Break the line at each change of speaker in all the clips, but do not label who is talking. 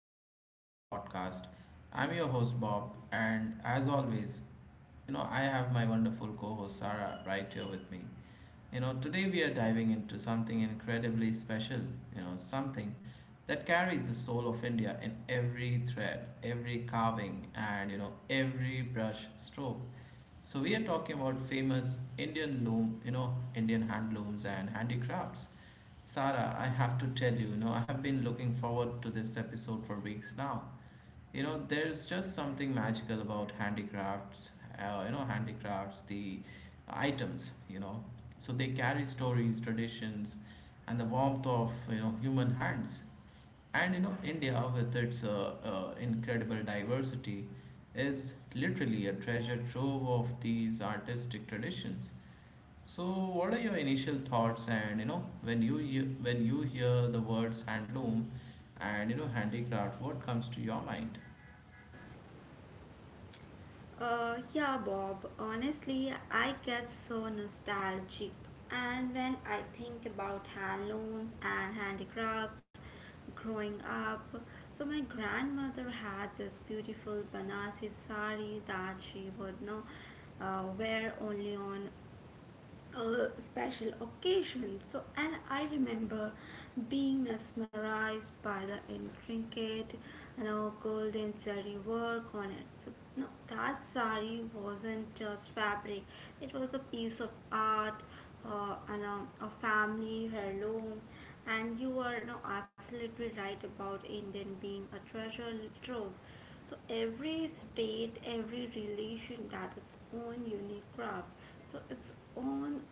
episode of our podcast. I'm your host Bob, and as always, I have my wonderful co host Sarah right here with me. Today we are diving into something incredibly special, something that carries the soul of India in every thread, every carving, and every brush stroke. So, we are talking about famous Indian loom, Indian hand looms and handicrafts. Sarah, I have to tell you, I have been looking forward to this episode for weeks now. There's just something magical about handicrafts, the items. So they carry stories, traditions, and the warmth of, human hands. And, India, with its incredible diversity, is literally a treasure trove of these artistic traditions. So, what are your initial thoughts? And when you hear the words handloom and handicraft, what comes to your mind?
Yeah, Bob. Honestly, I get so nostalgic. And when I think about handlooms and handicrafts growing up, so my grandmother had this beautiful Banarsi sari that she would know wear only on a special occasion. So, and I remember being mesmerized by the intricate, you know, golden zari work on it. So, no, that sari wasn't just fabric; it was a piece of art, and a family heirloom. And you are no absolutely right about Indian being a treasure trove. So every state, every relation that its own unique craft so its own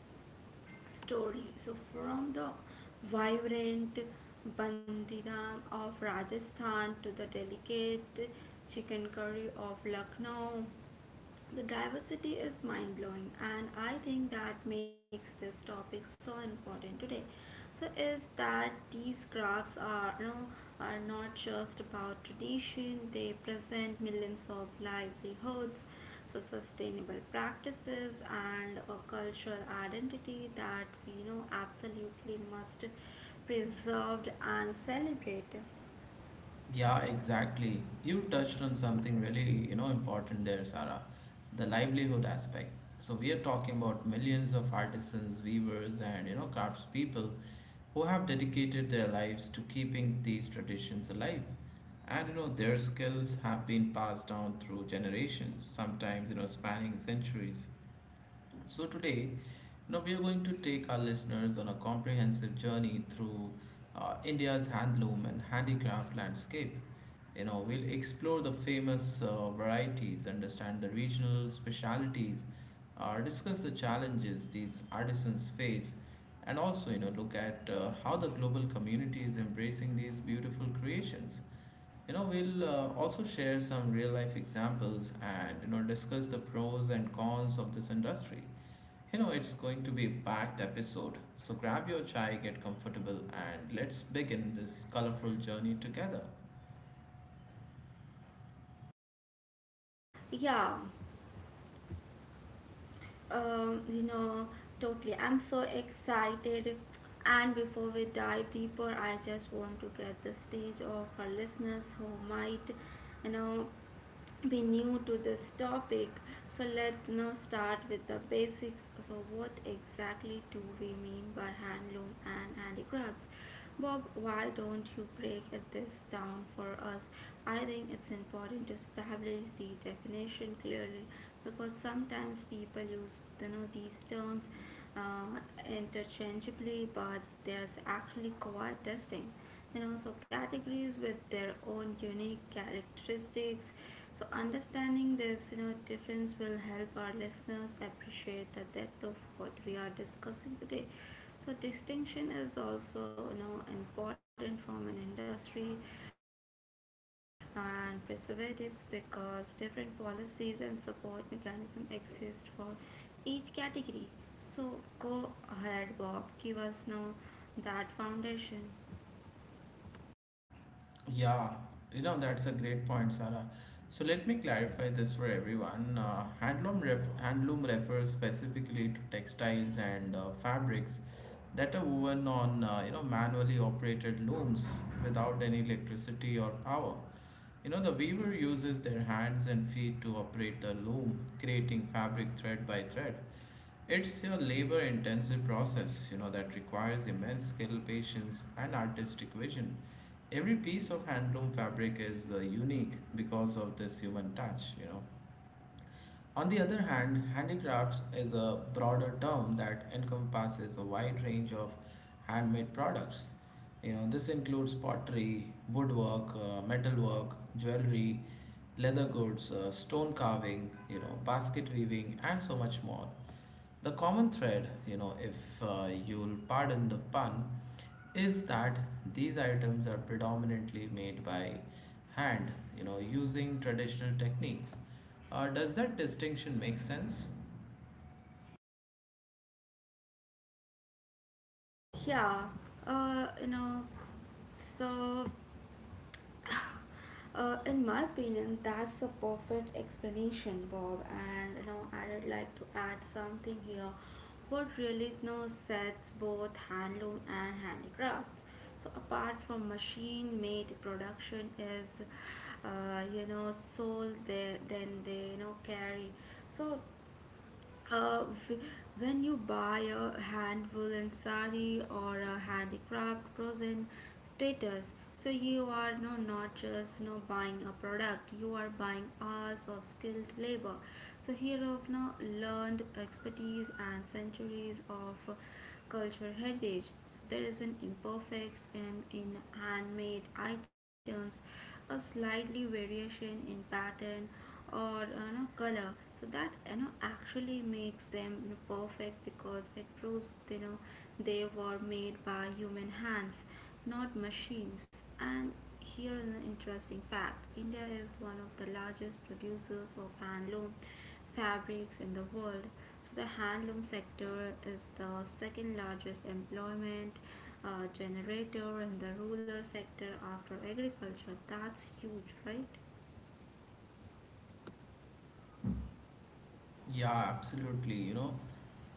story. So, from the vibrant bandidam of Rajasthan to the delicate chicken curry of Lucknow, the diversity is mind blowing, and I think that makes this topic so important today. So, is that these crafts are you know, are not just about tradition; they present millions of livelihoods, so sustainable practices, and a cultural identity that we you know absolutely must preserved and celebrate.
Yeah, exactly. You touched on something really important there, Sarah, the livelihood aspect. So we are talking about millions of artisans, weavers, and craftspeople who have dedicated their lives to keeping these traditions alive, and their skills have been passed down through generations, sometimes spanning centuries. So today, now we are going to take our listeners on a comprehensive journey through India's handloom and handicraft landscape. We'll explore the famous varieties, understand the regional specialities, discuss the challenges these artisans face, and also look at how the global community is embracing these beautiful creations. We'll also share some real life examples and discuss the pros and cons of this industry. It's going to be a packed episode, so grab your chai, get comfortable, and let's begin this colorful journey together.
Yeah. You know, totally. I'm so excited. And before we dive deeper, I just want to get the stage of our listeners who might, you know, be new to this topic. So let's now start with the basics. So what exactly do we mean by handloom and handicrafts? Bob, why don't you break this down for us? I think it's important to establish the definition clearly because sometimes people use you know these terms uh, interchangeably, but there's actually quite distinct. You know, so categories with their own unique characteristics so understanding this, you know, difference will help our listeners appreciate the depth of what we are discussing today. So distinction is also, you know, important from an industry and preservatives because different policies and support mechanism exist for each category. So go ahead, Bob. Give us now that foundation.
Yeah, that's a great point, Sarah. So let me clarify this for everyone. Handloom refers specifically to textiles and fabrics that are woven on, manually operated looms without any electricity or power. The weaver uses their hands and feet to operate the loom, creating fabric thread by thread. It's a labor intensive process, that requires immense skill, patience, and artistic vision. Every piece of handloom fabric is unique because of this human touch. On the other hand, handicrafts is a broader term that encompasses a wide range of handmade products. This includes pottery, woodwork, metalwork, jewelry, leather goods, stone carving, basket weaving, and so much more. The common thread, if you'll pardon the pun, is that these items are predominantly made by hand, using traditional techniques. Does that distinction make sense?
Yeah. You know, so in my opinion, that's a perfect explanation, Bob. And you know, I would like to add something here. What really you know, sets both handloom and handicrafts, so apart from machine-made production, is you know soul they you know carry. So uh, when you buy a hand woolen sari or a handicraft present status so you are no not just no buying a product you are buying hours of skilled labor so here of now learned expertise and centuries of cultural heritage. There is an imperfect and in handmade items, a slightly variation in pattern or you know, color. So that you know actually makes them you know, perfect because it proves you know they were made by human hands not machines. And here is an interesting fact India is one of the largest producers of handloom fabrics in the world. So, the handloom sector is the second largest employment generator in the rural sector after agriculture. That's huge, right?
Yeah, absolutely.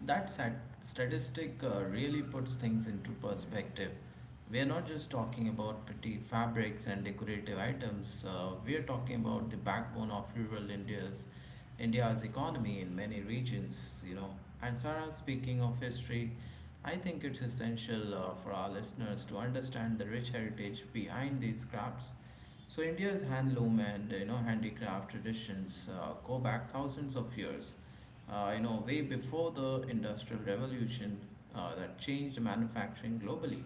That statistic really puts things into perspective. We're not just talking about pretty fabrics and decorative items. We're talking about the backbone of rural India's India's economy in many regions. And Sarah, speaking of history, I think it's essential for our listeners to understand the rich heritage behind these crafts. So India's handloom and handicraft traditions go back thousands of years, way before the Industrial Revolution that changed manufacturing globally.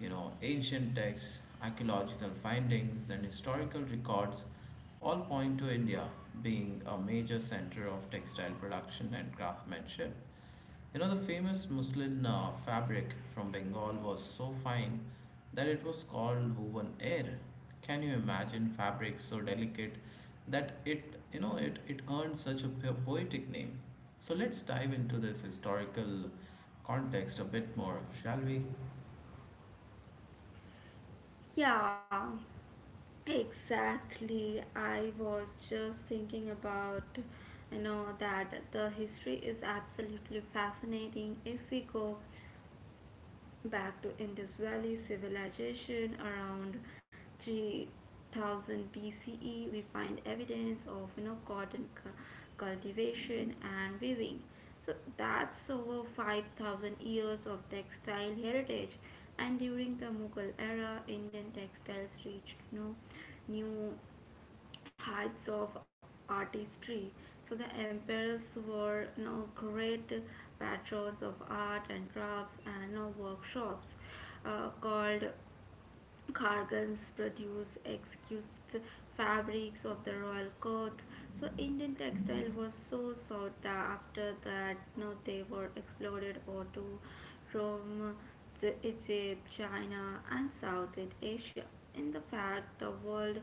Ancient texts, archaeological findings, and historical records all point to India being a major center of textile production and craftsmanship. The famous muslin fabric from Bengal was so fine that it was called woven air. Can you imagine fabric so delicate that it, you know, it earned such a poetic name? So let's dive into this historical context a bit more, shall we?
Yeah, exactly. I was just thinking about you know that the history is absolutely fascinating if we go back to Indus Valley civilization around 3000 BCE. We find evidence of you know cotton cultivation and weaving. So that's over 5,000 years of textile heritage. And during the Mughal era, Indian textiles reached you know, new heights of artistry. So the emperors were you know, great patrons of art and crafts and you know, workshops called Kargans produce exquisite fabrics of the royal court. So Indian textile was so sought that after that no they were exported or to Rome, Egypt, China and Southeast Asia. In the fact the word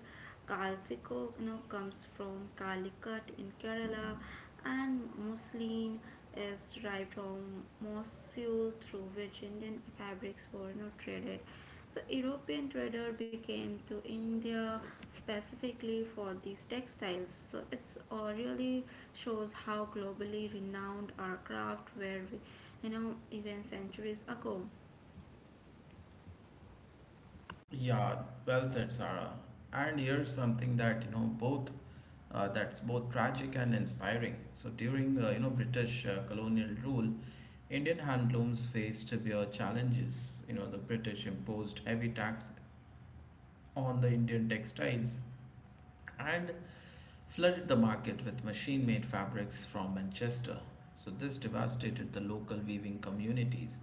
Kalsiko you know, comes from Calicut in Kerala and muslin is derived from Mosul through which Indian fabrics were you know, traded. So European trader became to India specifically for these textiles. So it's really shows how globally renowned our craft were, you know, even centuries ago.
Yeah, well said, Sarah. And here's something that you know both that's both tragic and inspiring. So during British colonial rule, Indian handlooms faced severe challenges. The British imposed heavy tax on the Indian textiles and flooded the market with machine made fabrics from Manchester. So, this devastated the local weaving communities.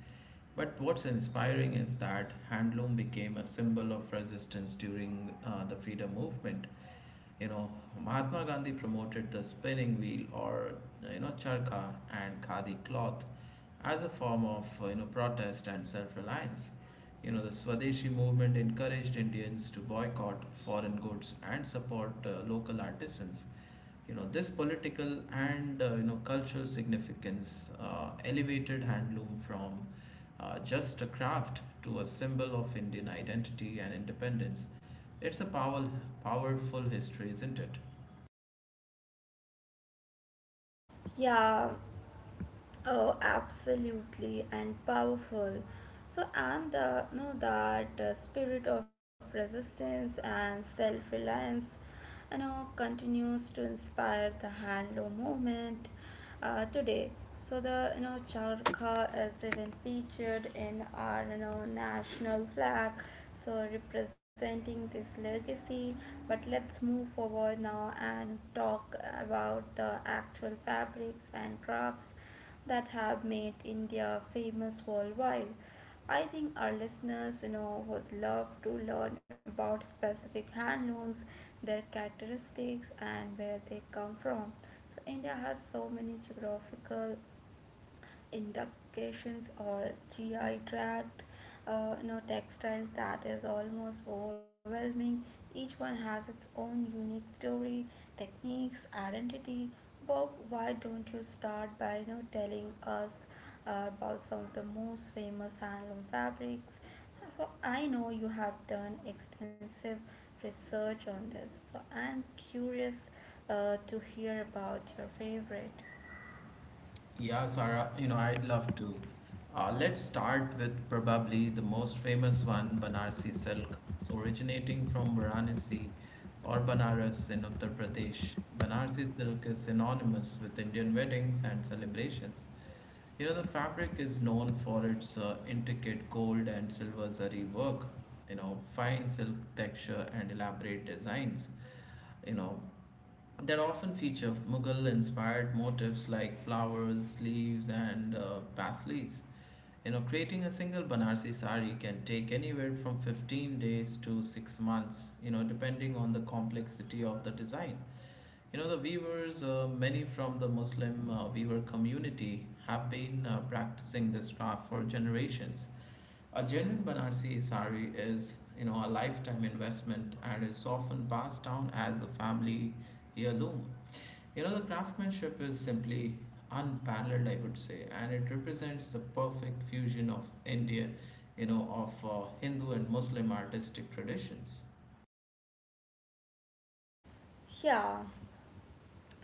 But what's inspiring is that handloom became a symbol of resistance during the freedom movement. You know, Mahatma Gandhi promoted the spinning wheel or charkha and khadi cloth as a form of protest and self-reliance. The Swadeshi movement encouraged Indians to boycott foreign goods and support local artisans. This political and cultural significance elevated handloom from just a craft to a symbol of Indian identity and independence. It's a powerful history, isn't it?
Yeah, oh, absolutely and powerful. So, and the, know that spirit of resistance and self-reliance, you know, continues to inspire the handloom movement today. So the you know charkha is even featured in our you know national flag, so representing this legacy. But let's move forward now and talk about the actual fabrics and crafts that have made India famous worldwide. I think our listeners, you know, would love to learn about specific handlooms, their characteristics, and where they come from. So India has so many geographical inductions or GI tract, you know, textiles that is almost overwhelming. Each one has its own unique story, techniques, identity. Bob, why don't you start by you know telling us about some of the most famous handloom fabrics? So I know you have done extensive research on this, so I'm curious to hear about your favorite.
Yeah, Sarah, I'd love to. Let's start with probably the most famous one, Banarsi silk. So, originating from Varanasi or Banaras in Uttar Pradesh, Banarsi silk is synonymous with Indian weddings and celebrations. The fabric is known for its intricate gold and silver zari work, fine silk texture and elaborate designs you know, that often feature Mughal inspired motifs like flowers, leaves, and paisleys. Creating a single Banarsi sari can take anywhere from 15 days to 6 months, depending on the complexity of the design. The weavers, many from the Muslim weaver community, have been practicing this craft for generations. A genuine Banarsi sari is, a lifetime investment and is often passed down as a family heirloom. The craftsmanship is simply unparalleled, I would say, and it represents the perfect fusion of Hindu and Muslim artistic traditions.
Yeah.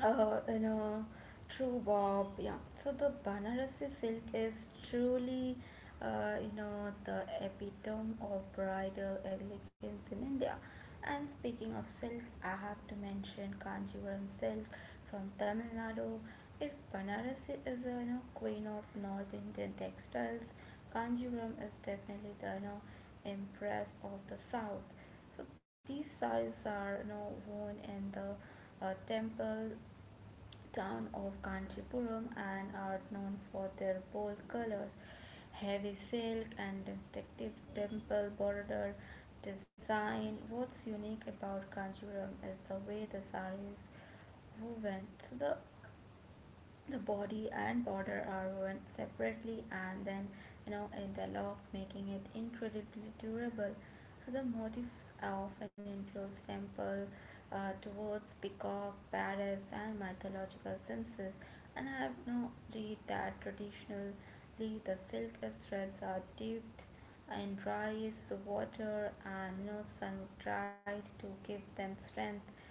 In a true bob yeah so the banarasi silk is truly you know the epitome of bridal elegance in india and speaking of silk I have to mention kanjivaram silk from tamil nadu if banarasi is a you know queen of north indian textiles kanjivaram is definitely the you know empress of the south so these sarees are you know worn in the temple town of Kanchipuram and are known for their bold colors, heavy silk, and distinctive temple border design. What's unique about Kanchipuram is the way the saree is woven. So the body and border are woven separately and then you know interlocked making it incredibly durable so the motifs often include temple towards peacock parrots and mythological senses and I have now read that traditionally the silk threads are dipped and rice, water, and you know, sun dried to give them strength.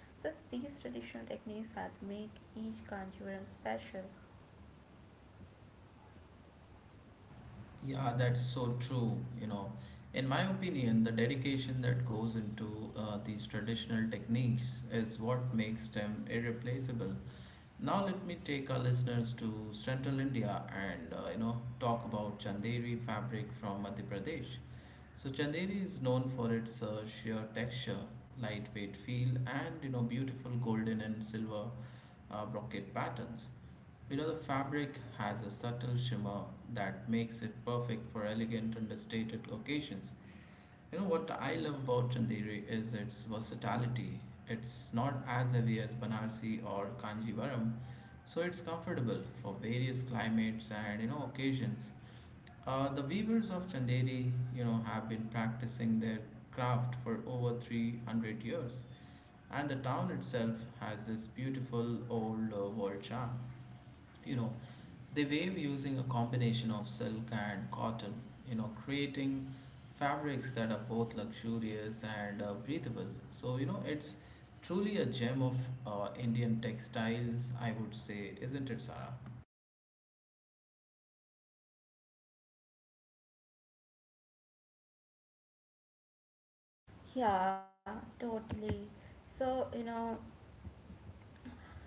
So it's these traditional techniques that make each Kanjivaram special.
Yeah, that's so true. In my opinion, the dedication that goes into these traditional techniques is what makes them irreplaceable. Now let me take our listeners to Central India and talk about Chanderi fabric from Madhya Pradesh. So Chanderi is known for its sheer texture, lightweight feel, and beautiful golden and silver brocade patterns. The fabric has a subtle shimmer that makes it perfect for elegant, understated occasions. What I love about Chanderi is its versatility. It's not as heavy as Banarsi or Kanjivaram, so it's comfortable for various climates and occasions. The weavers of Chanderi, have been practicing their craft for over 300 years, and the town itself has this beautiful old world charm. you know they wave using a combination of silk and cotton, creating fabrics that are both luxurious and breathable. So it's truly a gem of Indian textiles, I would say, isn't it, Sarah?
Yeah, totally. So, you know,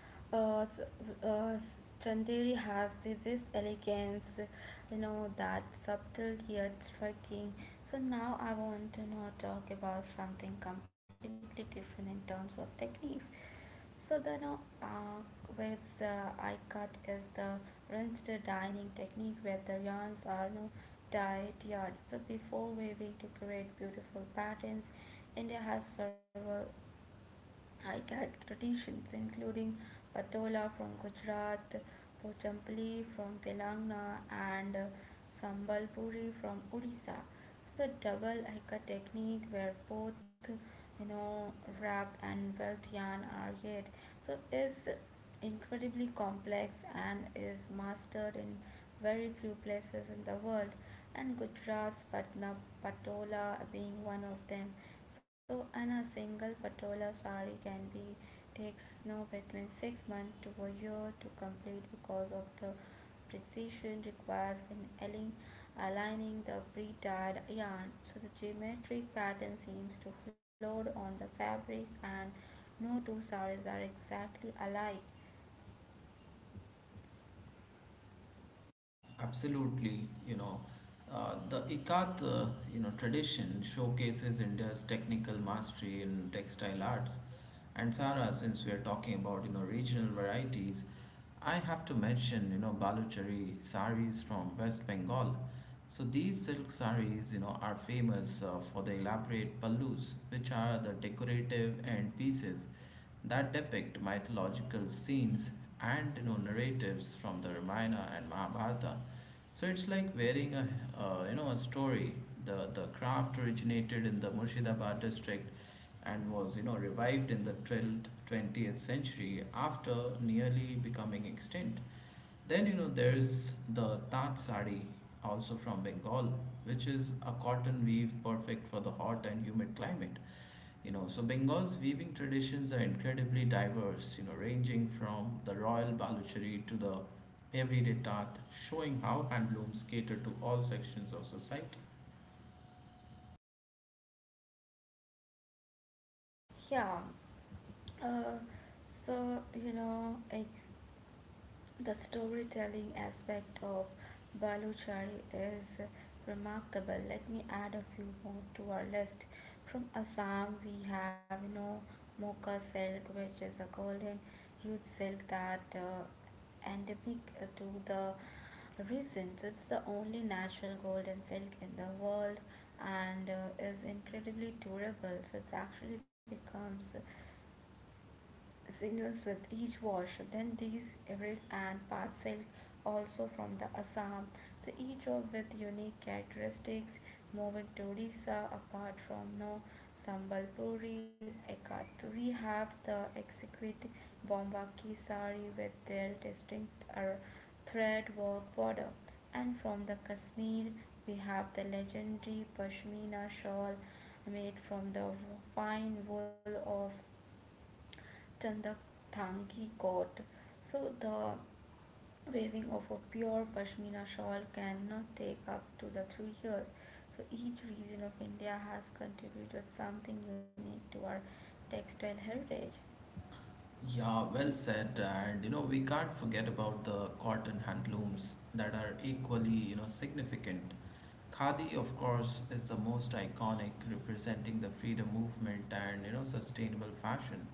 uh, s- uh, s- Chanderi has this elegance, you know, that subtle yet striking. So now I want to now talk about something completely different in terms of techniques. So the no, waves I cut is the rinsed dyeing technique where the yarns are no dyed yarn. So before weaving to create beautiful patterns, India has several high traditions, including Patola from Gujarat, Pochampali from Telangana, and Sambalpuri from Odisha. So the double hika technique, where both you know wrapped and welt yarn are yet, so is incredibly complex and is mastered in very few places in the world, and Gujarat's Patna Patola being one of them. So, and a single Patola sari can be takes no between 6 months to a year to complete because of the precision required in aligning the pre-dyed yarn. So the geometric pattern seems to float on the fabric and no two saris are exactly alike.
Absolutely, the Ikat, tradition showcases India's technical mastery in textile arts. And Sara, since we are talking about regional varieties, I have to mention Baluchari saris from West Bengal. So these silk saris, are famous for the elaborate pallus, which are the decorative end pieces that depict mythological scenes and narratives from the Ramayana and Mahabharata. So it's like wearing a a story. The craft originated in the Murshidabad district and was revived in the 12th 20th century after nearly becoming extinct. Then there's the Tat sari also from Bengal, which is a cotton weave perfect for the hot and humid climate. So Bengal's weaving traditions are incredibly diverse, ranging from the royal baluchari to the everyday tat, showing how handlooms cater to all sections of society.
Yeah, uh, so you know, ex the storytelling aspect of Baluchari is remarkable. Let me add a few more to our list. From Assam, we have you know mocha silk, which is a golden huge silk that endemic to the region. So it's the only natural golden silk in the world and is incredibly durable. So it actually becomes signals with each wash. Then these read and parcel also from the Assam. So each of with unique characteristics. Moving to Odisha, apart from no Sambalpuri, Ekaturi have the exquisite Bombaki sari with their distinct thread work border. And from the Kashmir, we have the legendary Pashmina shawl made from the fine wool of than the Thangi coat. So the weaving of a pure pashmina shawl cannot take up to the 3 years. So each region of India has contributed something unique to our textile heritage.
Yeah, well said. And we can't forget about the cotton handlooms that are equally, significant. Khadi, of course, is the most iconic, representing the freedom movement and sustainable fashion.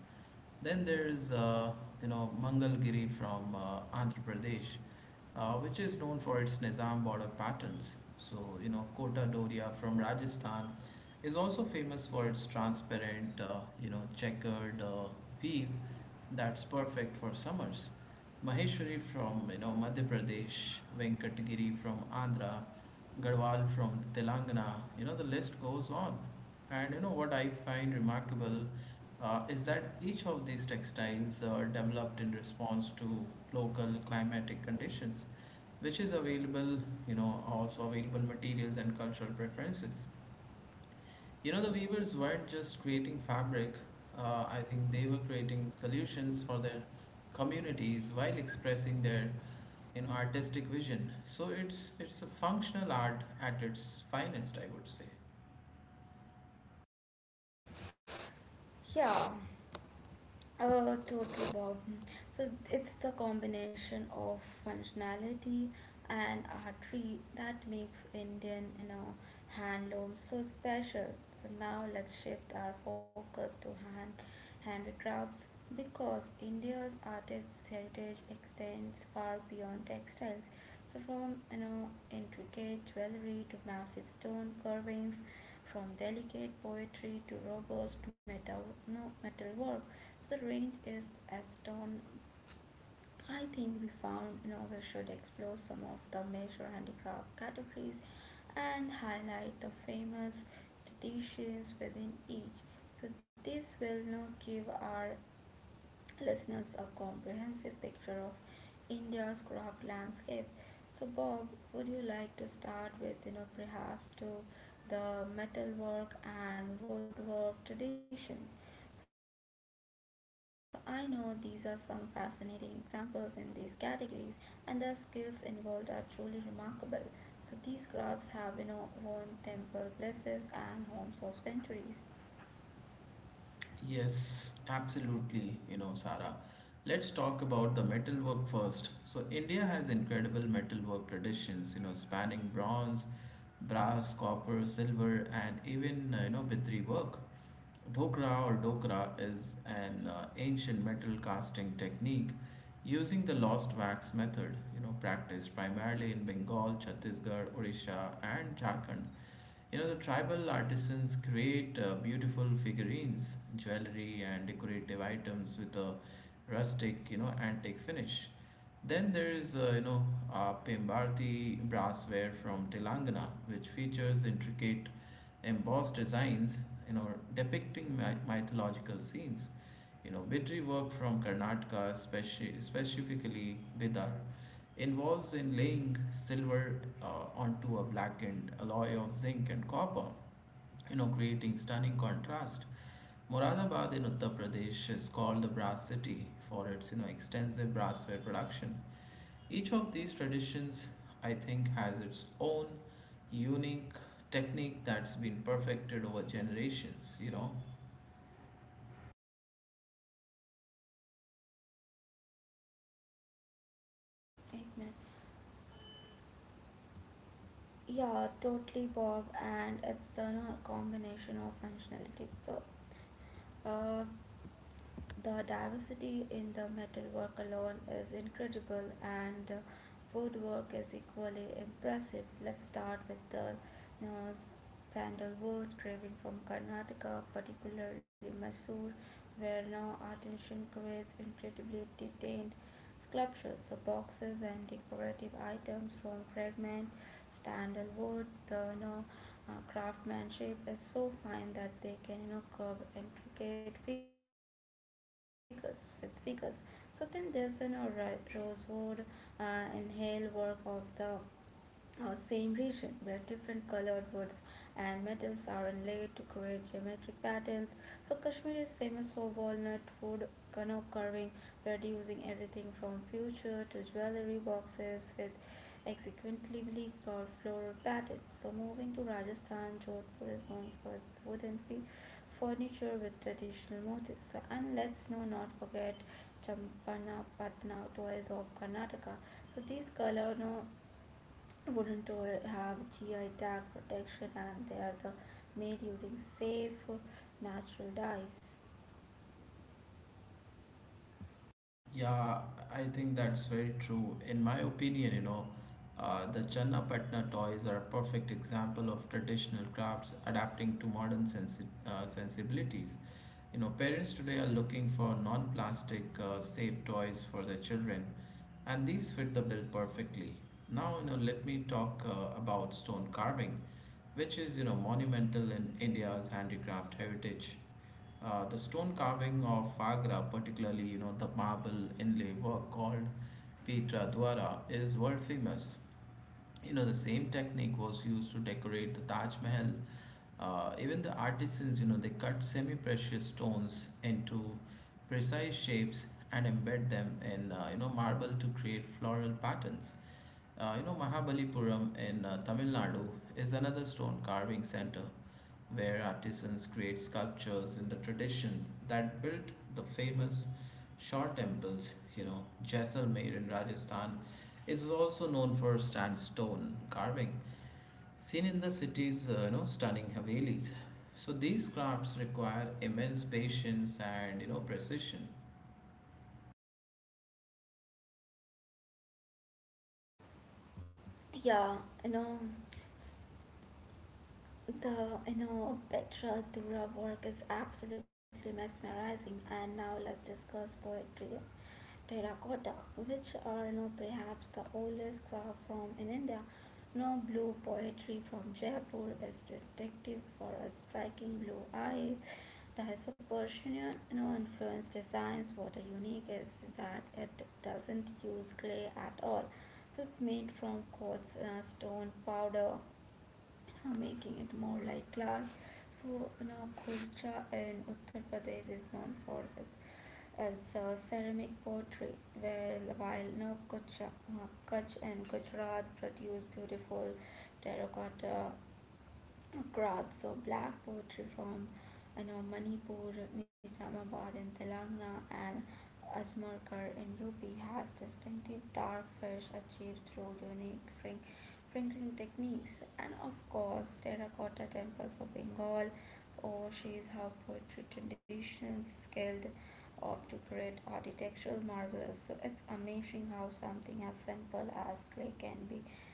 Then there's Mangalgiri from Andhra Pradesh, which is known for its Nizam border patterns. So, Kota Doria from Rajasthan is also famous for its transparent, checkered weave that's perfect for summers. Maheshwari from, Madhya Pradesh, Venkatgiri from Andhra, Garhwal from Telangana, the list goes on. And what I find remarkable is that each of these textiles are developed in response to local climatic conditions which is available, also available materials and cultural preferences. The weavers weren't just creating fabric, I think they were creating solutions for their communities while expressing their artistic vision. So it's a functional art at its finest, I would say.
Yeah, totally, Bob. So it's the combination of functionality and artery that makes Indian, you know, handloom so special. So now let's shift our focus to hand handicrafts because India's artist heritage extends far beyond textiles. So from you know intricate jewelry to massive stone carvings from delicate poetry to robust metal, no, metalwork, the range is aston. I think we found novels should explore some of the major handicraft categories and highlight the famous traditions within each. So this will now give our listeners a comprehensive picture of India's craft landscape. So, Bob, would you like to start with, you know, perhaps to the metalwork and woodwork traditions? So, I know these are some fascinating examples in these categories, and the skills involved are truly remarkable. So, these crafts have, you know, won temple places and homes of centuries.
Yes, absolutely, Sarah. Let's talk about the metalwork first. So, India has incredible metalwork traditions, spanning bronze, brass, copper, silver, and even, bitri work. Dhokra or dokra is an ancient metal casting technique using the lost wax method, you know, practiced primarily in Bengal, Chhattisgarh, Odisha, and Jharkhand. You know, the tribal artisans create beautiful figurines, jewelry, and decorative items with a rustic, you know, antique finish. Then there is, you know, Pembarti brassware from Telangana, which features intricate embossed designs, you know, depicting mythological scenes. You know, Bidri work from Karnataka, specifically Bidar, involves in laying silver onto a blackened alloy of zinc and copper, you know, creating stunning contrast. Moradabad in Uttar Pradesh is called the brass city for its, you know, extensive brassware production. Each of these traditions, I think, has its own unique technique that's been perfected over generations, you know.
8 minutes. Yeah, totally, Bob. And it's the no, combination of functionality. So, uh, the diversity in the metal work alone is incredible, and woodwork is equally impressive. Let's start with the you know, sandalwood carving from Karnataka, particularly Mysore, where now artisan creates incredibly detailed sculptures, so boxes and decorative items from fragment, standard wood. The you know craftsmanship is so fine that they can you know curve intricate figures with figures. So then there's you know rosewood and hail work of the or same region where different colored woods and metals are inlaid to create geometric patterns. So Kashmir is famous for walnut wood canoe carving, producing everything from furniture to jewelry boxes with executively carved floral patterns. So moving to Rajasthan, Jodhpur is known for its wooden furniture with traditional motifs. And let's not forget Champana Patna toys of Karnataka. So these color no wouldn't have GI tag protection and they are the made using safe natural dyes.
Yeah, I think that's very true. In my opinion, you know, the Channapatna toys are a perfect example of traditional crafts adapting to modern sensibilities. You know, parents today are looking for non-plastic, safe toys for their children, and these fit the bill perfectly. Now, you know, let me talk about stone carving, which is, you know, monumental in India's handicraft heritage. The stone carving of Agra, particularly you know the marble inlay work called Petra Dwara, is world famous. You know the same technique was used to decorate the Taj Mahal. Even the artisans, you know, they cut semi-precious stones into precise shapes and embed them in you know marble to create floral patterns. You know, Mahabalipuram in Tamil Nadu is another stone carving center where artisans create sculptures in the tradition that built the famous Shaw temples. You know, Jaisalmer in Rajasthan is also known for sandstone carving, seen in the city's you know stunning havelis. So these crafts require immense patience and you know precision.
Yeah, you know the Petra Dura work is absolutely mesmerizing. And now let's discuss poetry terracotta, which are, perhaps the oldest craft form in India. No Blue poetry from Jaipur is distinctive for a striking blue eye. That's a Persian influenced designs. What's unique is that it doesn't use clay at all. So it's made from quartz, stone, powder, you know, making it more like glass. So, you know, Khurja in Uttar Pradesh is known for its ceramic pottery, where while, you know, Kutch, Kutch and Gujarat produce beautiful terracotta Grads. So black poetry from, you know, Manipur, Nizamabad in Telangana and Ajmerkar in UP has distinctive dark fish achieved through unique crinkling techniques, and of course terracotta temples of Bengal oversees how poetry traditions scaled up to create architectural marvels. So it's amazing how something as simple as clay can be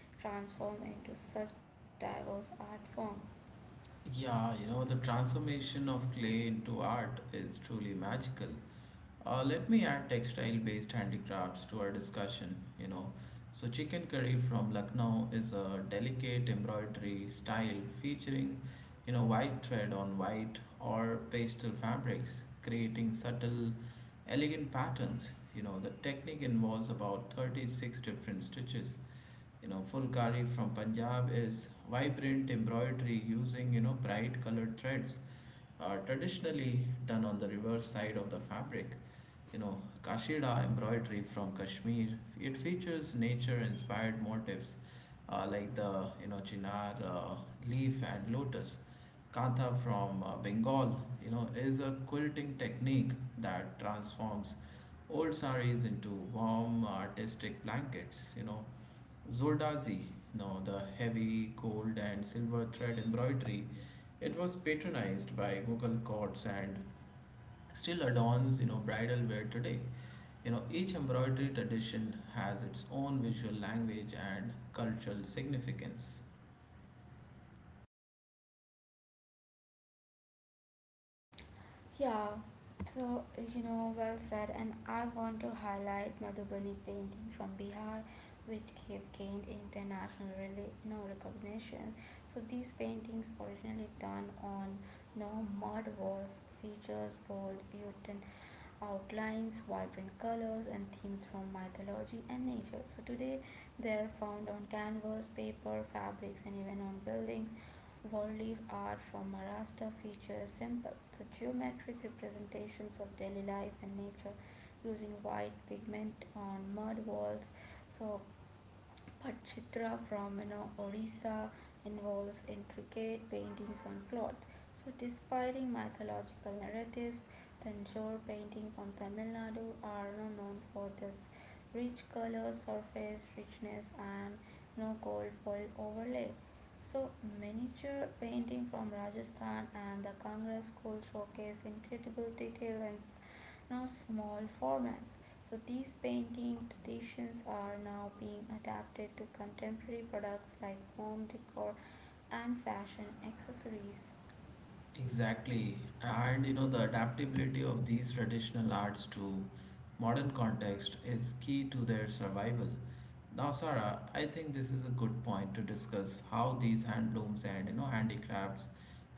transformed into such diverse art form.
Yeah, you know, the transformation of clay into art is truly magical. Let me add textile based handicrafts to our discussion, you know. So, chicken curry from Lucknow is a delicate embroidery style featuring, you know, white thread on white or pastel fabrics, creating subtle, elegant patterns. You know, the technique involves about 36 different stitches. You know Fulkari from Punjab is vibrant embroidery using you know bright colored threads are traditionally done on the reverse side of the fabric. You know, Kashida embroidery from Kashmir. It features nature-inspired motifs like the you know chinar leaf and lotus. Kantha from Bengal, you know, is a quilting technique that transforms old saris into warm artistic blankets. You know, Zordazi, now the heavy gold and silver thread embroidery, it was patronized by Mughal courts and still adorns, you know, bridal wear today. You know, each embroidery tradition has its own visual language and cultural significance.
Yeah, so, you know, well said. And I want to highlight Madhubani painting from Bihar, which have gained international you know, recognition. So these paintings, originally done on, you know, mud walls, features bold Utan outlines, vibrant colors, and themes from mythology and nature. So today, they are found on canvas, paper, fabrics, and even on buildings. Wallif art from Maharashtra features simple, the geometric representations of daily life and nature using white pigment on mud walls. So but Chitra from, you know, Orissa involves intricate paintings on cloth. So despite mythological narratives, Tanjore painting from Tamil Nadu are, you know, known for this rich color, surface richness, and, you know, gold foil overlay. So miniature painting from Rajasthan and the Kangra school showcase incredible detail and, you know, small formats. So these painting traditions are now being adapted to contemporary products like home decor and fashion accessories.
Exactly. And you know, the adaptability of these traditional arts to modern context is key to their survival. Now, Sarah, I think this is a good point to discuss how these handlooms and you know handicrafts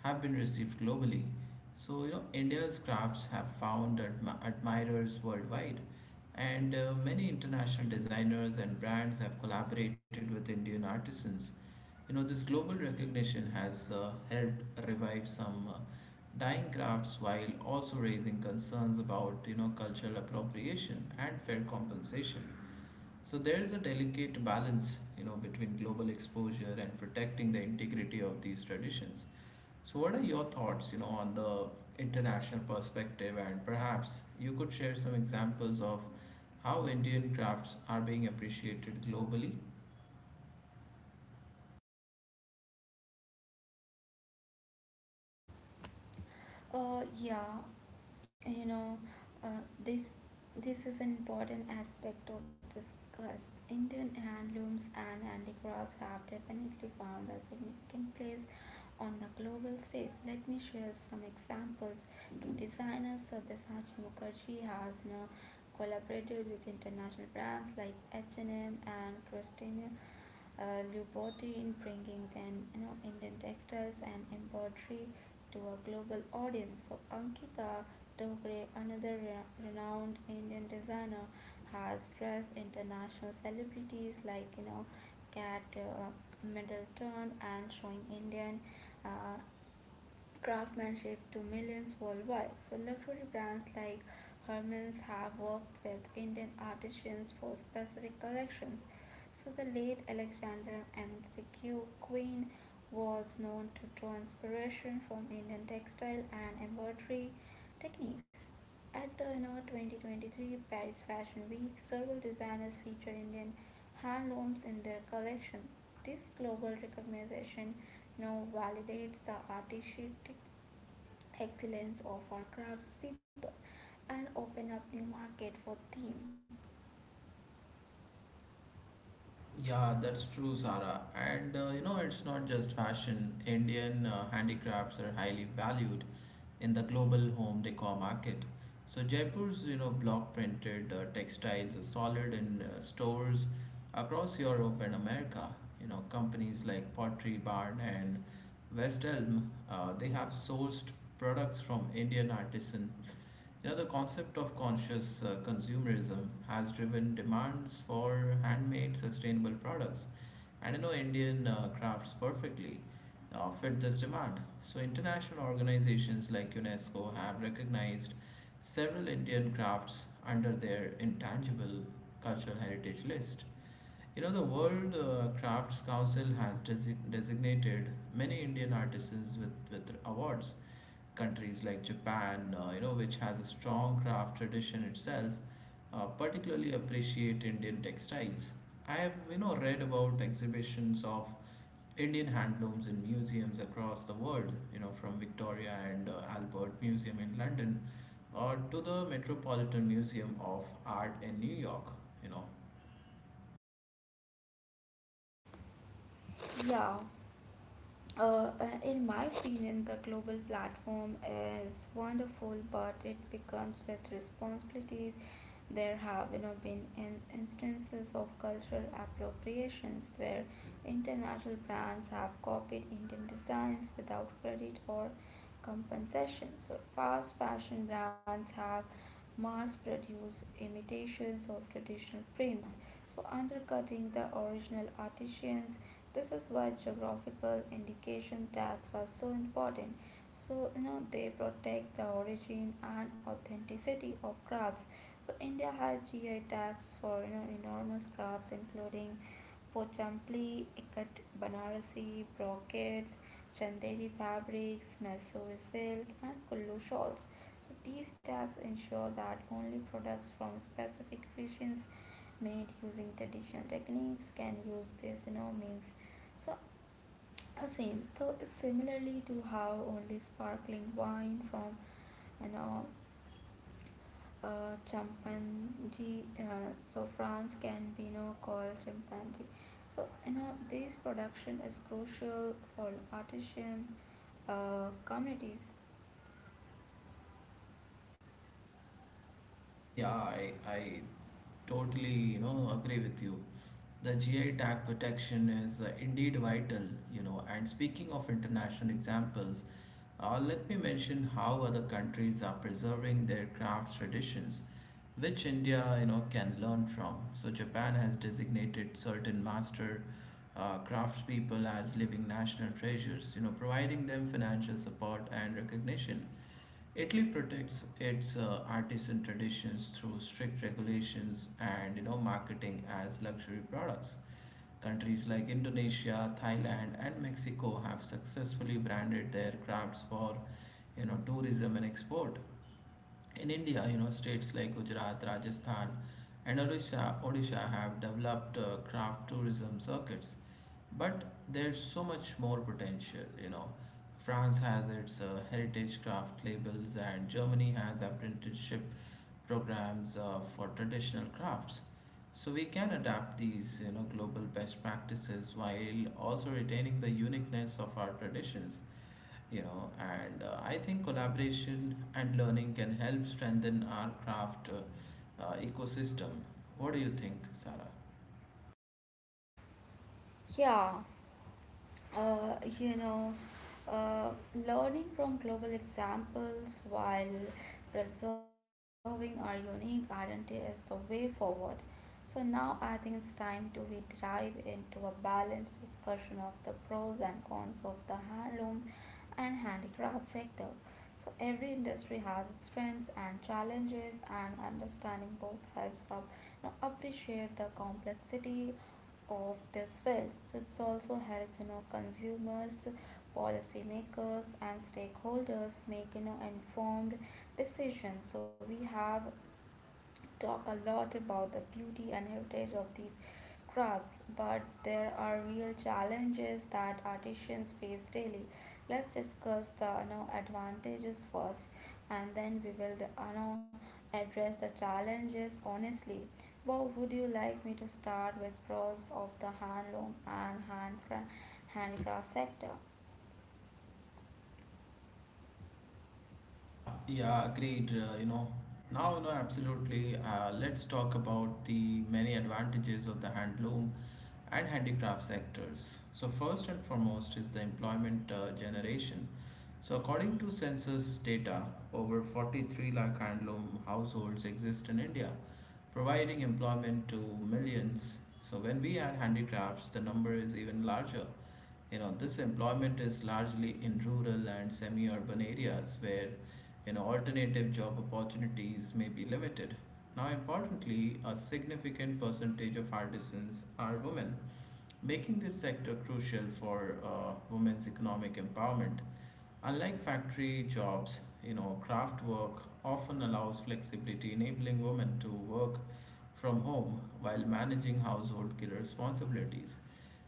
have been received globally. So, you know, India's crafts have found admirers worldwide, and many international designers and brands have collaborated with Indian artisans. You know, this global recognition has helped revive some dying crafts while also raising concerns about, you know, cultural appropriation and fair compensation. So there is a delicate balance, you know, between global exposure and protecting the integrity of these traditions. So what are your thoughts, you know, on the international perspective, and perhaps you could share some examples of how Indian crafts are being appreciated globally?
Uh, yeah, you know, uh, this this is an important aspect of this class. Indian handlooms and handicrafts have definitely found a significant place on the global stage. Let me share some examples. To Designer Sabyasachi Mukherjee has now collaborated with international brands like H&M and M and Christian Louboutin, in bringing then, you know, Indian textiles and embroidery to a global audience. So Ankita Dogre, another renowned Indian designer, has dressed international celebrities like, you know, Kat Middleton, and showing Indian uh, craftsmanship to millions worldwide. So, luxury brands like Hermes have worked with Indian artisans for specific collections. So, the late Alexander and the Q Queen was known to draw inspiration from Indian textile and embroidery techniques. At the, you know, 2023 Paris Fashion Week, several designers feature Indian handlooms in their collections. This global recognition now validates the artistic excellence of our craftspeople and open up new market for them.
Yeah, that's true, Zara. And you know, it's not just fashion. Indian handicrafts are highly valued in the global home decor market. So Jaipur's, you know, block printed textiles are solid in stores across Europe and America. You know, companies like Pottery Barn and West Elm, they have sourced products from Indian artisan. You know, the concept of conscious consumerism has driven demands for handmade sustainable products. And you know, Indian crafts perfectly fit this demand. So, international organizations like UNESCO have recognized several Indian crafts under their intangible cultural heritage list. You know, the World Crafts Council has designated many Indian artisans with awards. Countries like Japan, you know, which has a strong craft tradition itself, particularly appreciate Indian textiles. I have, you know, read about exhibitions of Indian handlooms in museums across the world, you know, from Victoria and Albert Museum in London or to the Metropolitan Museum of Art in New York, you know.
Yeah, Uh, in my opinion, the global platform is wonderful, but it becomes with responsibilities. There have, you know, been in instances of cultural appropriations where international brands have copied Indian designs without credit or compensation. So, fast fashion brands have mass produced imitations of traditional prints, so undercutting the original artisans. This is why geographical indication tags are so important. So you know they protect the origin and authenticity of crabs. So India has GI tags for, you know, enormous crabs including Pochampli, Ikat Banarasi, brocades, Chanderi fabrics, Mysore silk, and Kullu shawls. So these tags ensure that only products from specific regions made using traditional techniques can use this. You know means so, same. So, it's similarly to how only sparkling wine from, you know, chimpanzee, so France can be, you know, called chimpanzee. So, you know, this production is crucial for artisan communities.
Yeah, I totally, you know, agree with you. The GI tag protection is indeed vital, you know. And speaking of international examples, let me mention how other countries are preserving their craft traditions, which India, you know, can learn from. So Japan has designated certain master craftspeople as living national treasures, you know, providing them financial support and recognition. Italy protects its artisan traditions through strict regulations and you know marketing as luxury products. Countries like Indonesia, Thailand, and Mexico have successfully branded their crafts for you know tourism and export. In India, you know states like Gujarat, Rajasthan, and Odisha have developed craft tourism circuits, but there's so much more potential, you know. France has its heritage craft labels, and Germany has apprenticeship programs for traditional crafts. So we can adapt these, you know, global best practices while also retaining the uniqueness of our traditions, you know. And I think collaboration and learning can help strengthen our craft ecosystem. What do you think, Sarah?
Yeah, uh, you know, uh, Learning from global examples while preserving our unique identity is the way forward. So now I think it's time to we dive into a balanced discussion of the pros and cons of the handloom and handicraft sector. So every industry has its strengths and challenges, and understanding both helps us, you know, appreciate the complexity of this wealth. So it's also help, you know, consumers, policymakers and stakeholders make, you know, informed decisions. So we have talk a lot about the beauty and heritage of these crafts, but there are real challenges that artisans face daily. Let's discuss the, you know, advantages first, and then we will, you know, address the challenges honestly. Bob, would you like me to start with pros of the handloom and handicraft sector?
Yeah, agreed. You know, absolutely. Let's talk about the many advantages of the handloom and handicraft sectors. So first and foremost is the employment generation. So according to census data, over 43 lakh handloom households exist in India, providing employment to millions. So when we add handicrafts, the number is even larger. You know this employment is largely in rural and semi-urban areas where you know alternative job opportunities may be limited. Now importantly a significant percentage of artisans are women, making this sector crucial for women's economic empowerment. Unlike factory jobs, you know, craft work often allows flexibility, enabling women to work from home while managing household responsibilities.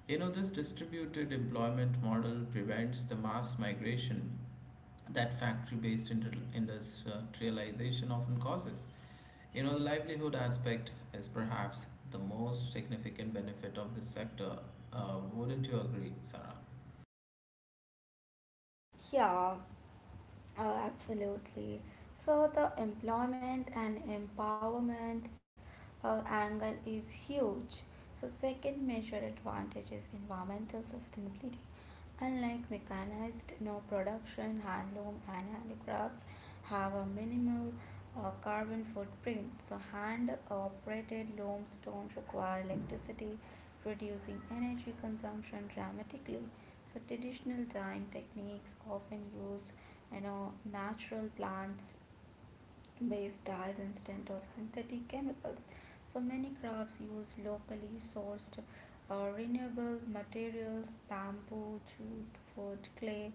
You know, this distributed employment model prevents the mass migration that factory based industrialization often causes. You know, the livelihood aspect is perhaps the most significant benefit of this sector. Wouldn't you agree, Sarah?
Yeah, absolutely. So the employment and empowerment angle is huge. So second major advantage is environmental sustainability. Unlike mechanized no production, handloom and handicrafts have a minimal carbon footprint. So hand operated looms don't require electricity, reducing energy consumption dramatically. So traditional dyeing techniques often use, you know, natural plants based dyes instead of synthetic chemicals. So many crafts use locally sourced, renewable materials, bamboo, jute, wood, clay,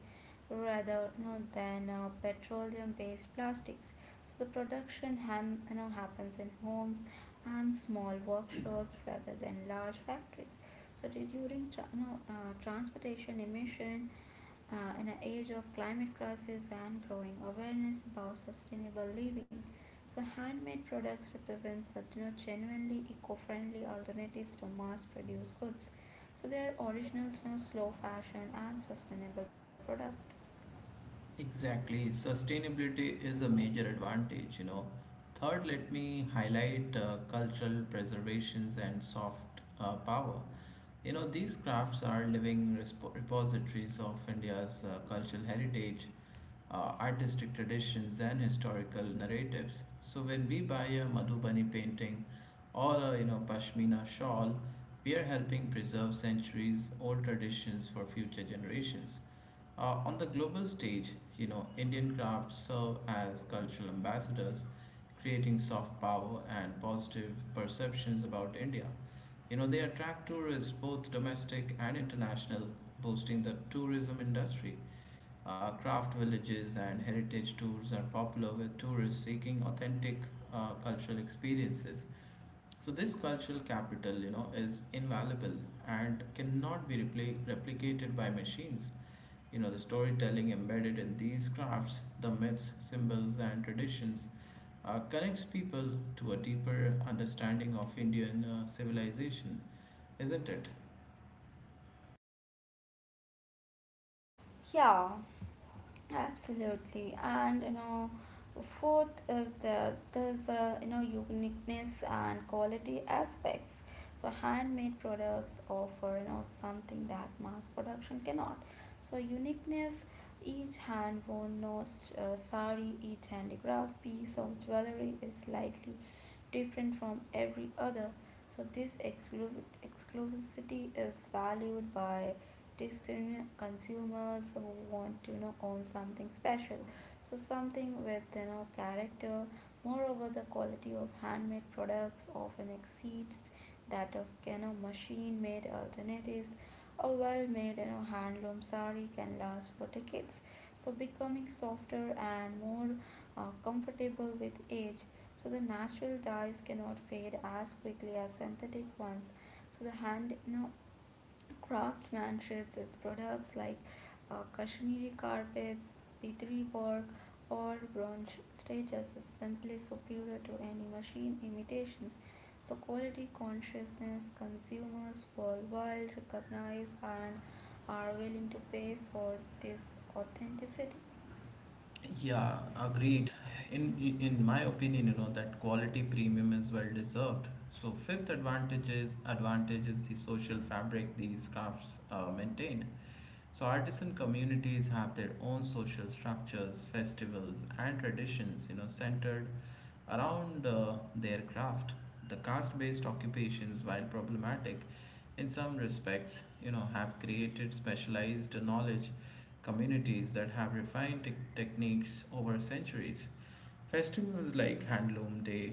rather, you know, than petroleum-based plastics. So the production ham, you know, happens in homes and small workshops rather than large factories. So during you know, transportation emission in an age of climate crisis and growing awareness about sustainable living, so handmade products represent such, you know, genuinely eco-friendly alternatives to mass-produced goods. So they are original, you know, slow fashion and sustainable product.
Exactly. Sustainability is a major advantage, you know. Third, let me highlight cultural preservations and soft power. You know, these crafts are living repositories of India's cultural heritage, artistic traditions, and historical narratives. So when we buy a Madhubani painting or a you know pashmina shawl, we are helping preserve centuries old traditions for future generations. On the global stage, you know, Indian crafts serve as cultural ambassadors, creating soft power and positive perceptions about India. You know, they attract tourists, both domestic and international, boosting the tourism industry. Craft villages and heritage tours are popular with tourists seeking authentic cultural experiences. So, this cultural capital, you know, is invaluable and cannot be replicated by machines. You know, the storytelling embedded in these crafts, the myths, symbols, and traditions, connects people to a deeper understanding of Indian civilization, isn't it?
Yeah, absolutely, and you know, fourth is there's a you know uniqueness and quality aspects. So handmade products offer, you know, something that mass production cannot. So uniqueness, each hand woven no sari, each handicraft piece of jewelry is likely different from every other. So this exclusivity is valued by discerning consumers who want to, you know, own something special. So something with, you know, character. Moreover, the quality of handmade products often exceeds that of, you know, machine-made alternatives. A well-made, you know, handloom sari can last for decades. So becoming softer and more, comfortable with age. So the natural dyes cannot fade as quickly as synthetic ones. So the hand, you know, craftsmanships its products like Kashmiri carpets, Pitri work, or bronze status is simply superior to any machine imitations. So quality consciousness consumers worldwide recognize and are willing to pay for this authenticity.
Yeah, agreed. In my opinion, you know that quality premium is well deserved. So fifth advantage is the social fabric these crafts maintain. So, artisan communities have their own social structures, festivals, and traditions, you know, centered around their craft. The caste based occupations, while problematic in some respects, you know, have created specialized knowledge communities that have refined techniques over centuries. Festivals like Handloom Day,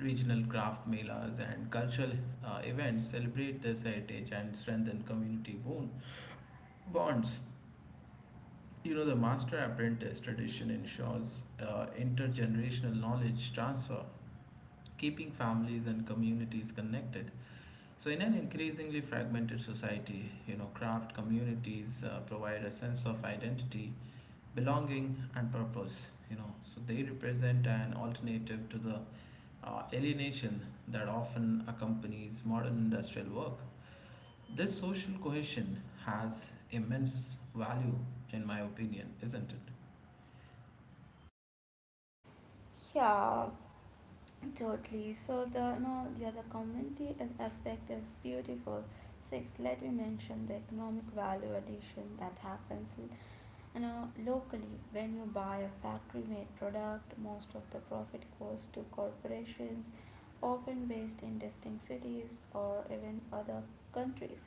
regional craft melas, and cultural events celebrate this heritage and strengthen community bonds. You know, the master apprentice tradition ensures intergenerational knowledge transfer, keeping families and communities connected. So, in an increasingly fragmented society, you know, craft communities provide a sense of identity, belonging, and purpose. You know, so they represent an alternative to the alienation that often accompanies modern industrial work. This social cohesion has immense value, in my opinion, isn't it?
Yeah, totally. So the no, the other community aspect is beautiful. Six, let me mention the economic value addition that happens, you know, locally. When you buy a factory made product, most of the profit goes to corporations, often based in distant cities or even other countries.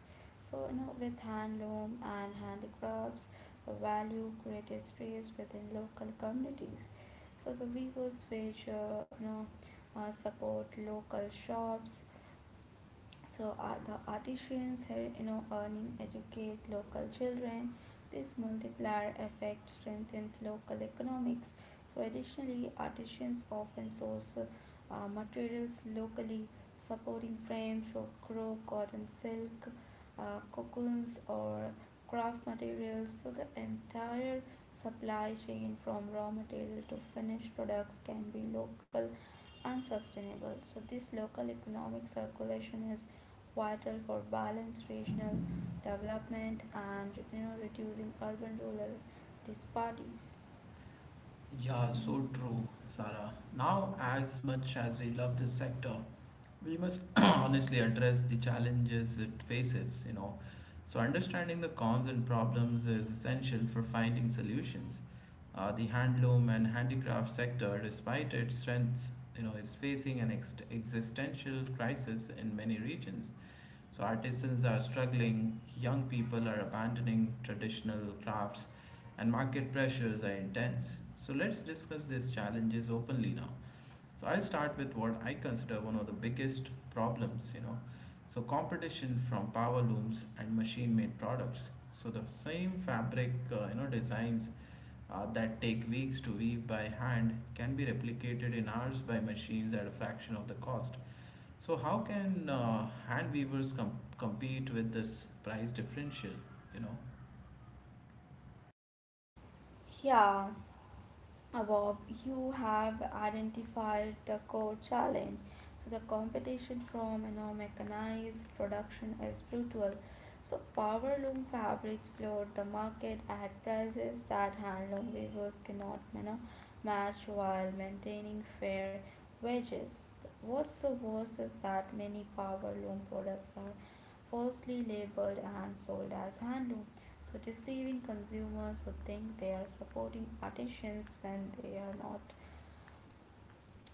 So, you know, with handloom and handicrafts, the value created stays within local communities. So the weavers which, support local shops, so the artisans here, you know, earning educate local children. This multiplier effect strengthens local economics. So additionally, artisans often source, materials locally, supporting frames or crow, cotton, silk, cocoons, or craft materials. So the entire supply chain from raw material to finished products can be local unsustainable. So, this local economic circulation is vital for balanced regional development and, you know, reducing urban rural disparities.
Yeah, so true, Sarah. Now, as much as we love this sector, we must honestly address the challenges it faces, you know. So, understanding the cons and problems is essential for finding solutions. The handloom and handicraft sector, despite its strengths, you know, is facing an existential crisis in many regions. So artisans are struggling, young people are abandoning traditional crafts, and market pressures are intense. So let's discuss these challenges openly now. So I'll start with what I consider one of the biggest problems, you know. So competition from power looms and machine-made products. So the same fabric, designs that take weeks to weave by hand can be replicated in hours by machines at a fraction of the cost. So how can hand weavers compete with this price differential? You know,
Yeah, Bob, you have identified the core challenge. So the competition from, you know, mechanized production is brutal. So power loom fabrics flood the market at prices that handloom weavers cannot, you know, match while maintaining fair wages. What's the worst is that many power loom products are falsely labeled and sold as handloom, so deceiving consumers who think they are supporting artisans when they are not.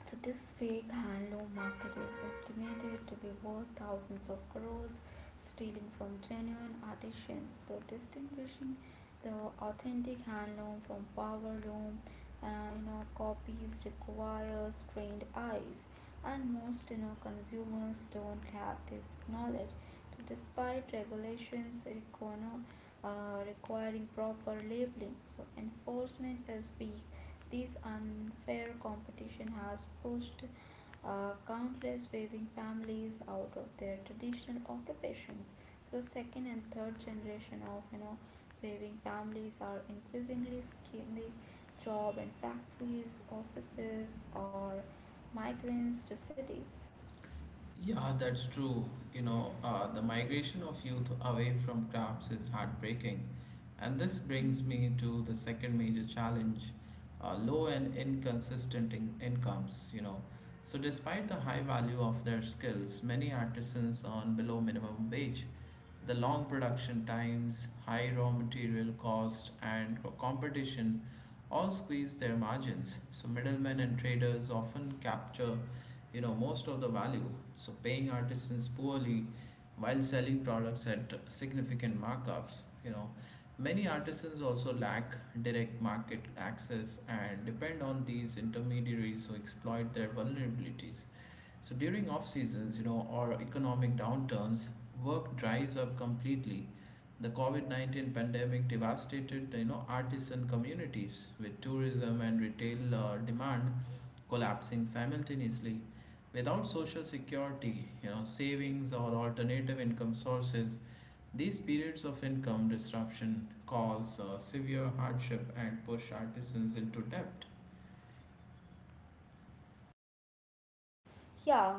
So this fake handloom market is estimated to be worth thousands of crores, stealing from genuine artisans. So distinguishing the authentic handloom from powerloom, uh, you know, copies requires trained eyes, and most, you know, consumers don't have this knowledge. So despite regulations requiring proper labeling, so enforcement is weak. This unfair competition has pushed, countless weaving families out of their traditional occupations. So, second and third generation of, you know, weaving families are increasingly seeking job in factories, offices, or migrants to cities.
Yeah, that's true. The migration of youth away from crafts is heartbreaking. And this brings me to the second major challenge, low and inconsistent incomes, So despite the high value of their skills, many artisans earn below minimum wage. The long production times, high raw material cost, and competition all squeeze their margins. So middlemen and traders often capture most of the value, so paying artisans poorly while selling products at significant markups. Many artisans also lack direct market access and depend on these intermediaries who exploit their vulnerabilities, so during off seasons or economic downturns work dries up completely. The covid-19 pandemic devastated, artisan communities, with tourism and retail demand collapsing simultaneously. Without social security, savings or alternative income sources, these periods of income disruption cause severe hardship and push artisans into debt.
Yeah,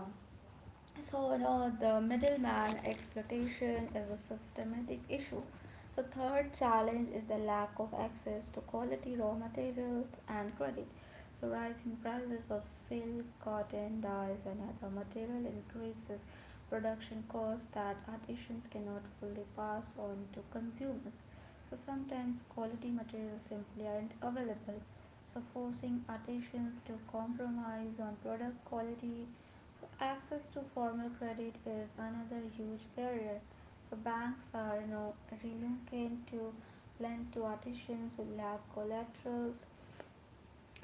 so, you know, the middleman exploitation is a systematic issue. So, third challenge is the lack of access to quality raw materials and credit. So, rising prices of silk, cotton, dyes, and other material increases production costs that artisans cannot fully pass on to consumers. So, sometimes quality materials simply aren't available. So, forcing artisans to compromise on product quality, so access to formal credit is another huge barrier. So banks are now reluctant to lend to artisans who lack collaterals,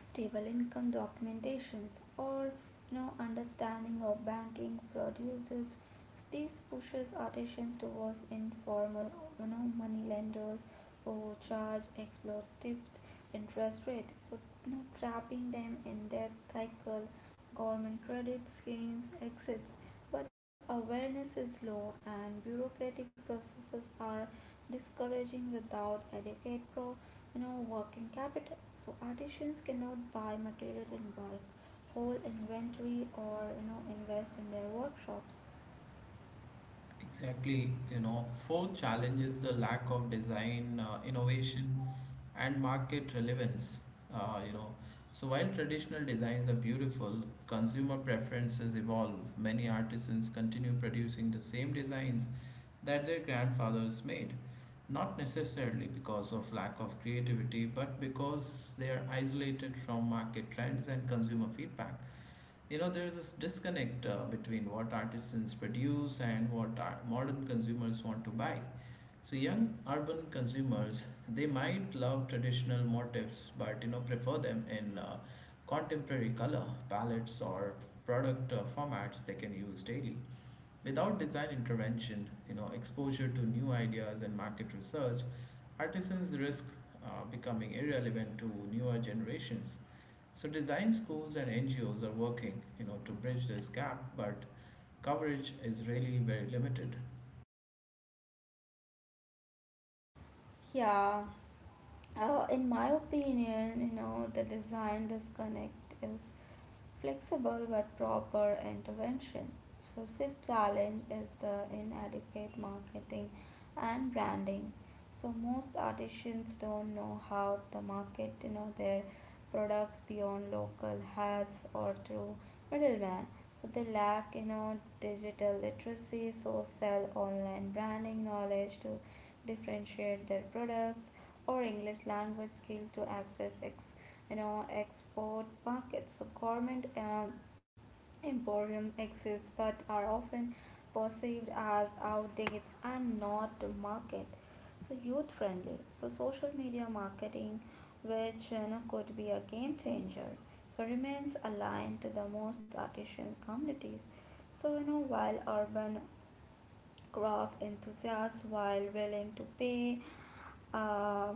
stable income documentations, or understanding of banking producers. So these pushes artisans towards informal, money lenders who charge exploitative interest rate, so trapping them in debt cycle. Government credit schemes exits, but awareness is low and bureaucratic processes are discouraging without adequate pro, working capital. So artisans cannot buy material in bulk, hold inventory, or invest in their workshops.
Exactly. Fourth challenge is the lack of design innovation and market relevance. Uh, you know, so while traditional designs are beautiful, consumer preferences evolve. Many artisans continue producing the same designs that their grandfathers made, not necessarily because of lack of creativity, but because they are isolated from market trends and consumer feedback. There is this disconnect between what artisans produce and what our modern consumers want to buy. So young urban consumers, they might love traditional motifs, but prefer them in contemporary color palettes or product formats they can use daily. Without design intervention, exposure to new ideas and market research, artisans risk becoming irrelevant to newer generations. So design schools and NGOs are working, to bridge this gap, but coverage is really very limited.
Yeah. In my opinion, the design disconnect is flexible with proper intervention. So fifth challenge is the inadequate marketing and branding. So most artisans don't know how to market, their products beyond local hats or through middleman. So they lack, digital literacy, so sell online branding knowledge to differentiate their products or English language skill to access export markets. So garment emporium exists but are often perceived as outdated and not market, so youth friendly. So social media marketing, which could be a game changer, so remains aligned to the most artisan communities. So while urban craft enthusiasts while willing to pay uh,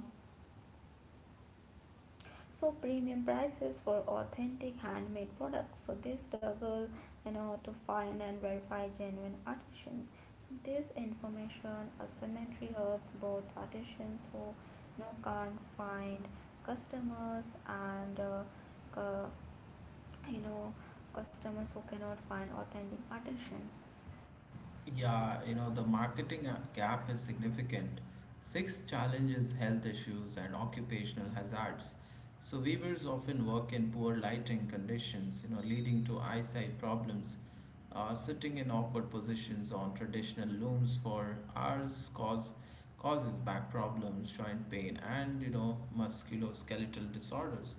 so premium prices for authentic handmade products, so they struggle, to find and verify genuine artisans. So this information asymmetry hurts both artisans, who can't find customers, and cu- you know customers who cannot find authentic artisans.
Yeah, the marketing gap is significant. Sixth challenge is health issues and occupational hazards. So weavers often work in poor lighting conditions, leading to eyesight problems. Sitting in awkward positions on traditional looms for hours causes back problems, joint pain, and musculoskeletal disorders.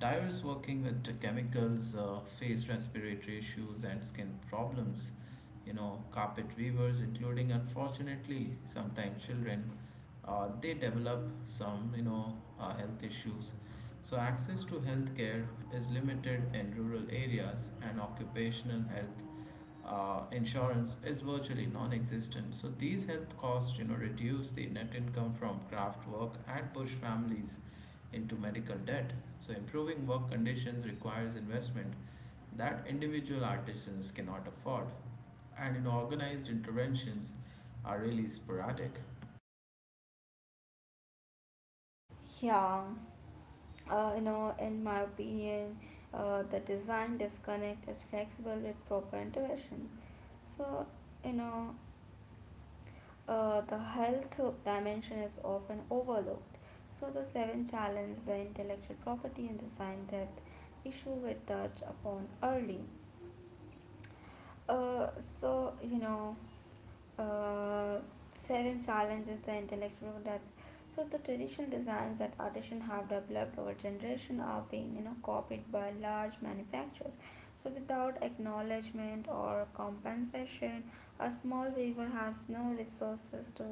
Dyer is working with the chemicals, face respiratory issues, and skin problems. Carpet weavers, including unfortunately sometimes children, they develop some, health issues. So access to healthcare is limited in rural areas, and occupational health insurance is virtually non-existent. So these health costs, reduce the net income from craft work and push families into medical debt. So improving work conditions requires investment that individual artisans cannot afford. And in organized interventions are really sporadic.
Yeah. Uh, you know, in my opinion, the design disconnect is flexible with proper intervention. So, you know, the health dimension is often overlooked. So the seven challenge, the intellectual property and design depth issue we touched upon early. Uh, so, you know, uh, seven challenges the intellectual production. So the traditional designs that artisans have developed over generations are being, copied by large manufacturers. So without acknowledgement or compensation, a small weaver has no resources to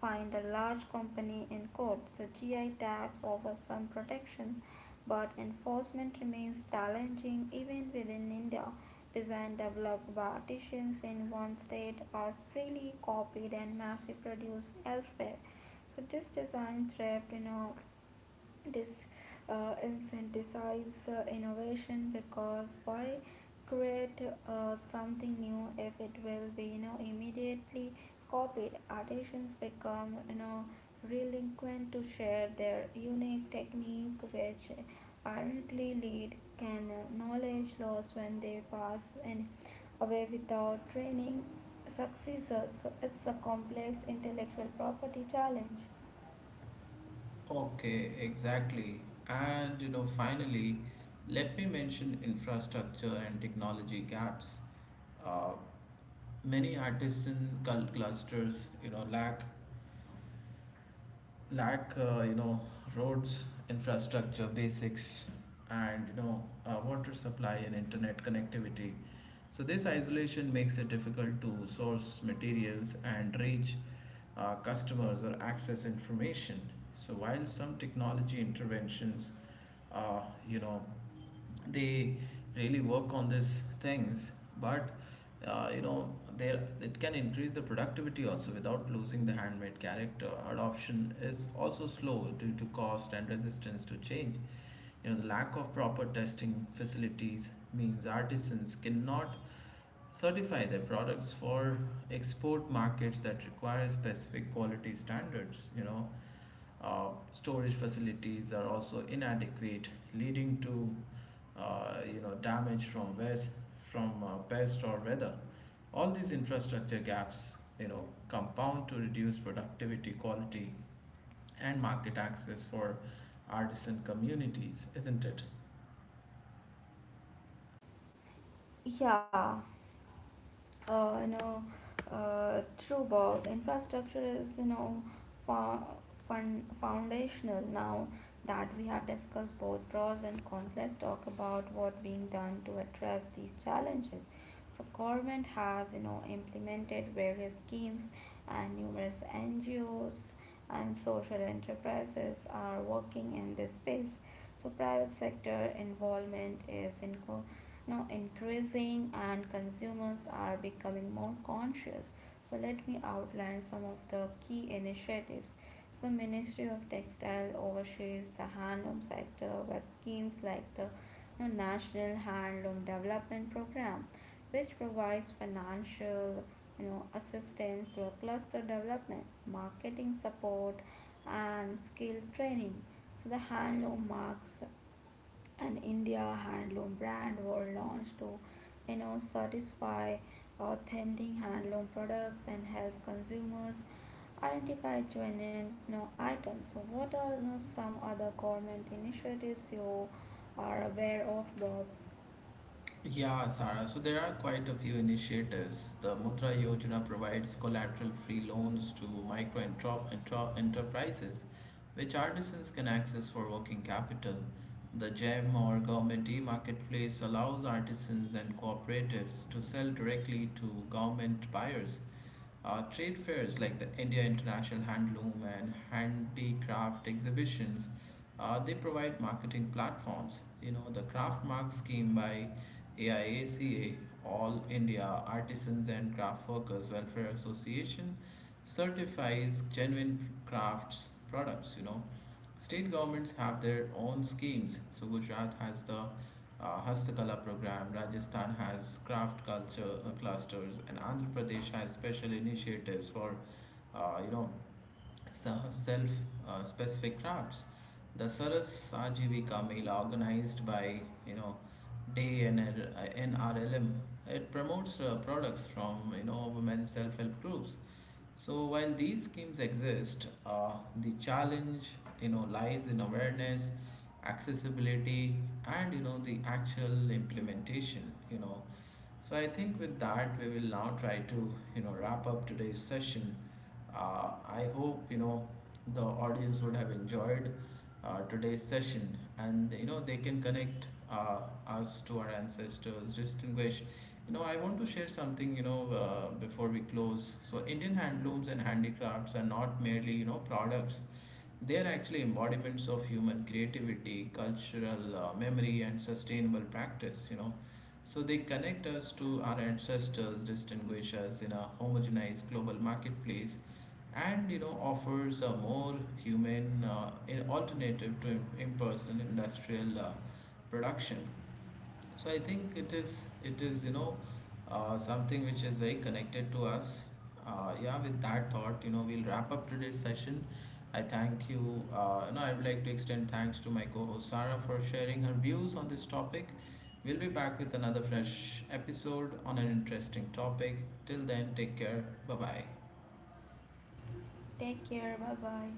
find a large company in court. So GI tags offer some protections, but enforcement remains challenging even within India. Designed, developed by artisans in one state are freely copied and mass produced elsewhere. So this design thrift, you know, this incentivizes innovation, because why create something new if it will be immediately copied? Artisans become reluctant to share their unique technique, which apparently lead can knowledge loss when they pass and away without training successors. So it's a complex intellectual property challenge.
Okay, exactly. And finally, let me mention infrastructure and technology gaps. Uh, Many artisan cult clusters, lack roads infrastructure basics and water supply and internet connectivity. So this isolation makes it difficult to source materials and reach customers or access information. So while some technology interventions uh, you know they really work on these things, but uh, you know there it can increase the productivity also without losing the handmade character. Adoption is also slow due to cost and resistance to change. The lack of proper testing facilities means artisans cannot certify their products for export markets that require specific quality standards. Storage facilities are also inadequate, leading to damage from west, from pest or weather. All these infrastructure gaps compound to reduce productivity, quality, and market access for artisan communities, isn't it?
Yeah. uh, you know, true, Bob. Infrastructure is, fo- foundational. Now that we have discussed both pros and cons, let's talk about what being done to address these challenges. So government has, implemented various schemes, and numerous NGOs and social enterprises are working in this space. So private sector involvement is increasing, and consumers are becoming more conscious. So let me outline some of the key initiatives. So ministry of textile oversees the handloom sector with schemes like the, national handloom development program, which provides financial, assistance to cluster development, marketing support, and skill training. So the handloom marks an India handloom brand were launched to satisfy authentic handloom products and help consumers identify genuine, items. So what are, some other government initiatives you are aware of, Bob?
Yeah, Sara. So there are quite a few initiatives. The Mudra Yojana provides collateral-free loans to micro and enterprises, which artisans can access for working capital. The GEM or Government e-Marketplace allows artisans and cooperatives to sell directly to government buyers. Trade fairs like the India International Handloom and Handicraft exhibitions, they provide marketing platforms. The Craftmark scheme by AIACA, All India Artisans and Craft Workers Welfare Association, certifies genuine crafts products, State governments have their own schemes. So Gujarat has the Hastakala program, Rajasthan has craft culture clusters, and Andhra Pradesh has special initiatives for, you know, self specific routes. The Saras Ajivika Mela organized by you know Day and NRLM. It promotes products from women's self help groups. So while these schemes exist, the challenge lies in awareness, accessibility, and the actual implementation. So I think with that we will now try to wrap up today's session. Uh, I hope the audience would have enjoyed today's session and they can connect us to our ancestors, distinguish. I want to share something before we close. So Indian handlooms and handicrafts are not merely products. They are actually embodiments of human creativity, cultural memory, and sustainable practice. So they connect us to our ancestors, distinguish us in a homogenized global marketplace, and offers a more human an alternative to impersonal industrial production. So I think it is something which is very connected to us. Yeah, with that thought, we'll wrap up today's session. I thank you. I would like to extend thanks to my co-host Sarah for sharing her views on this topic. We'll be back with another fresh episode on an interesting topic. Till then, take care. Bye bye.
Take care, bye bye.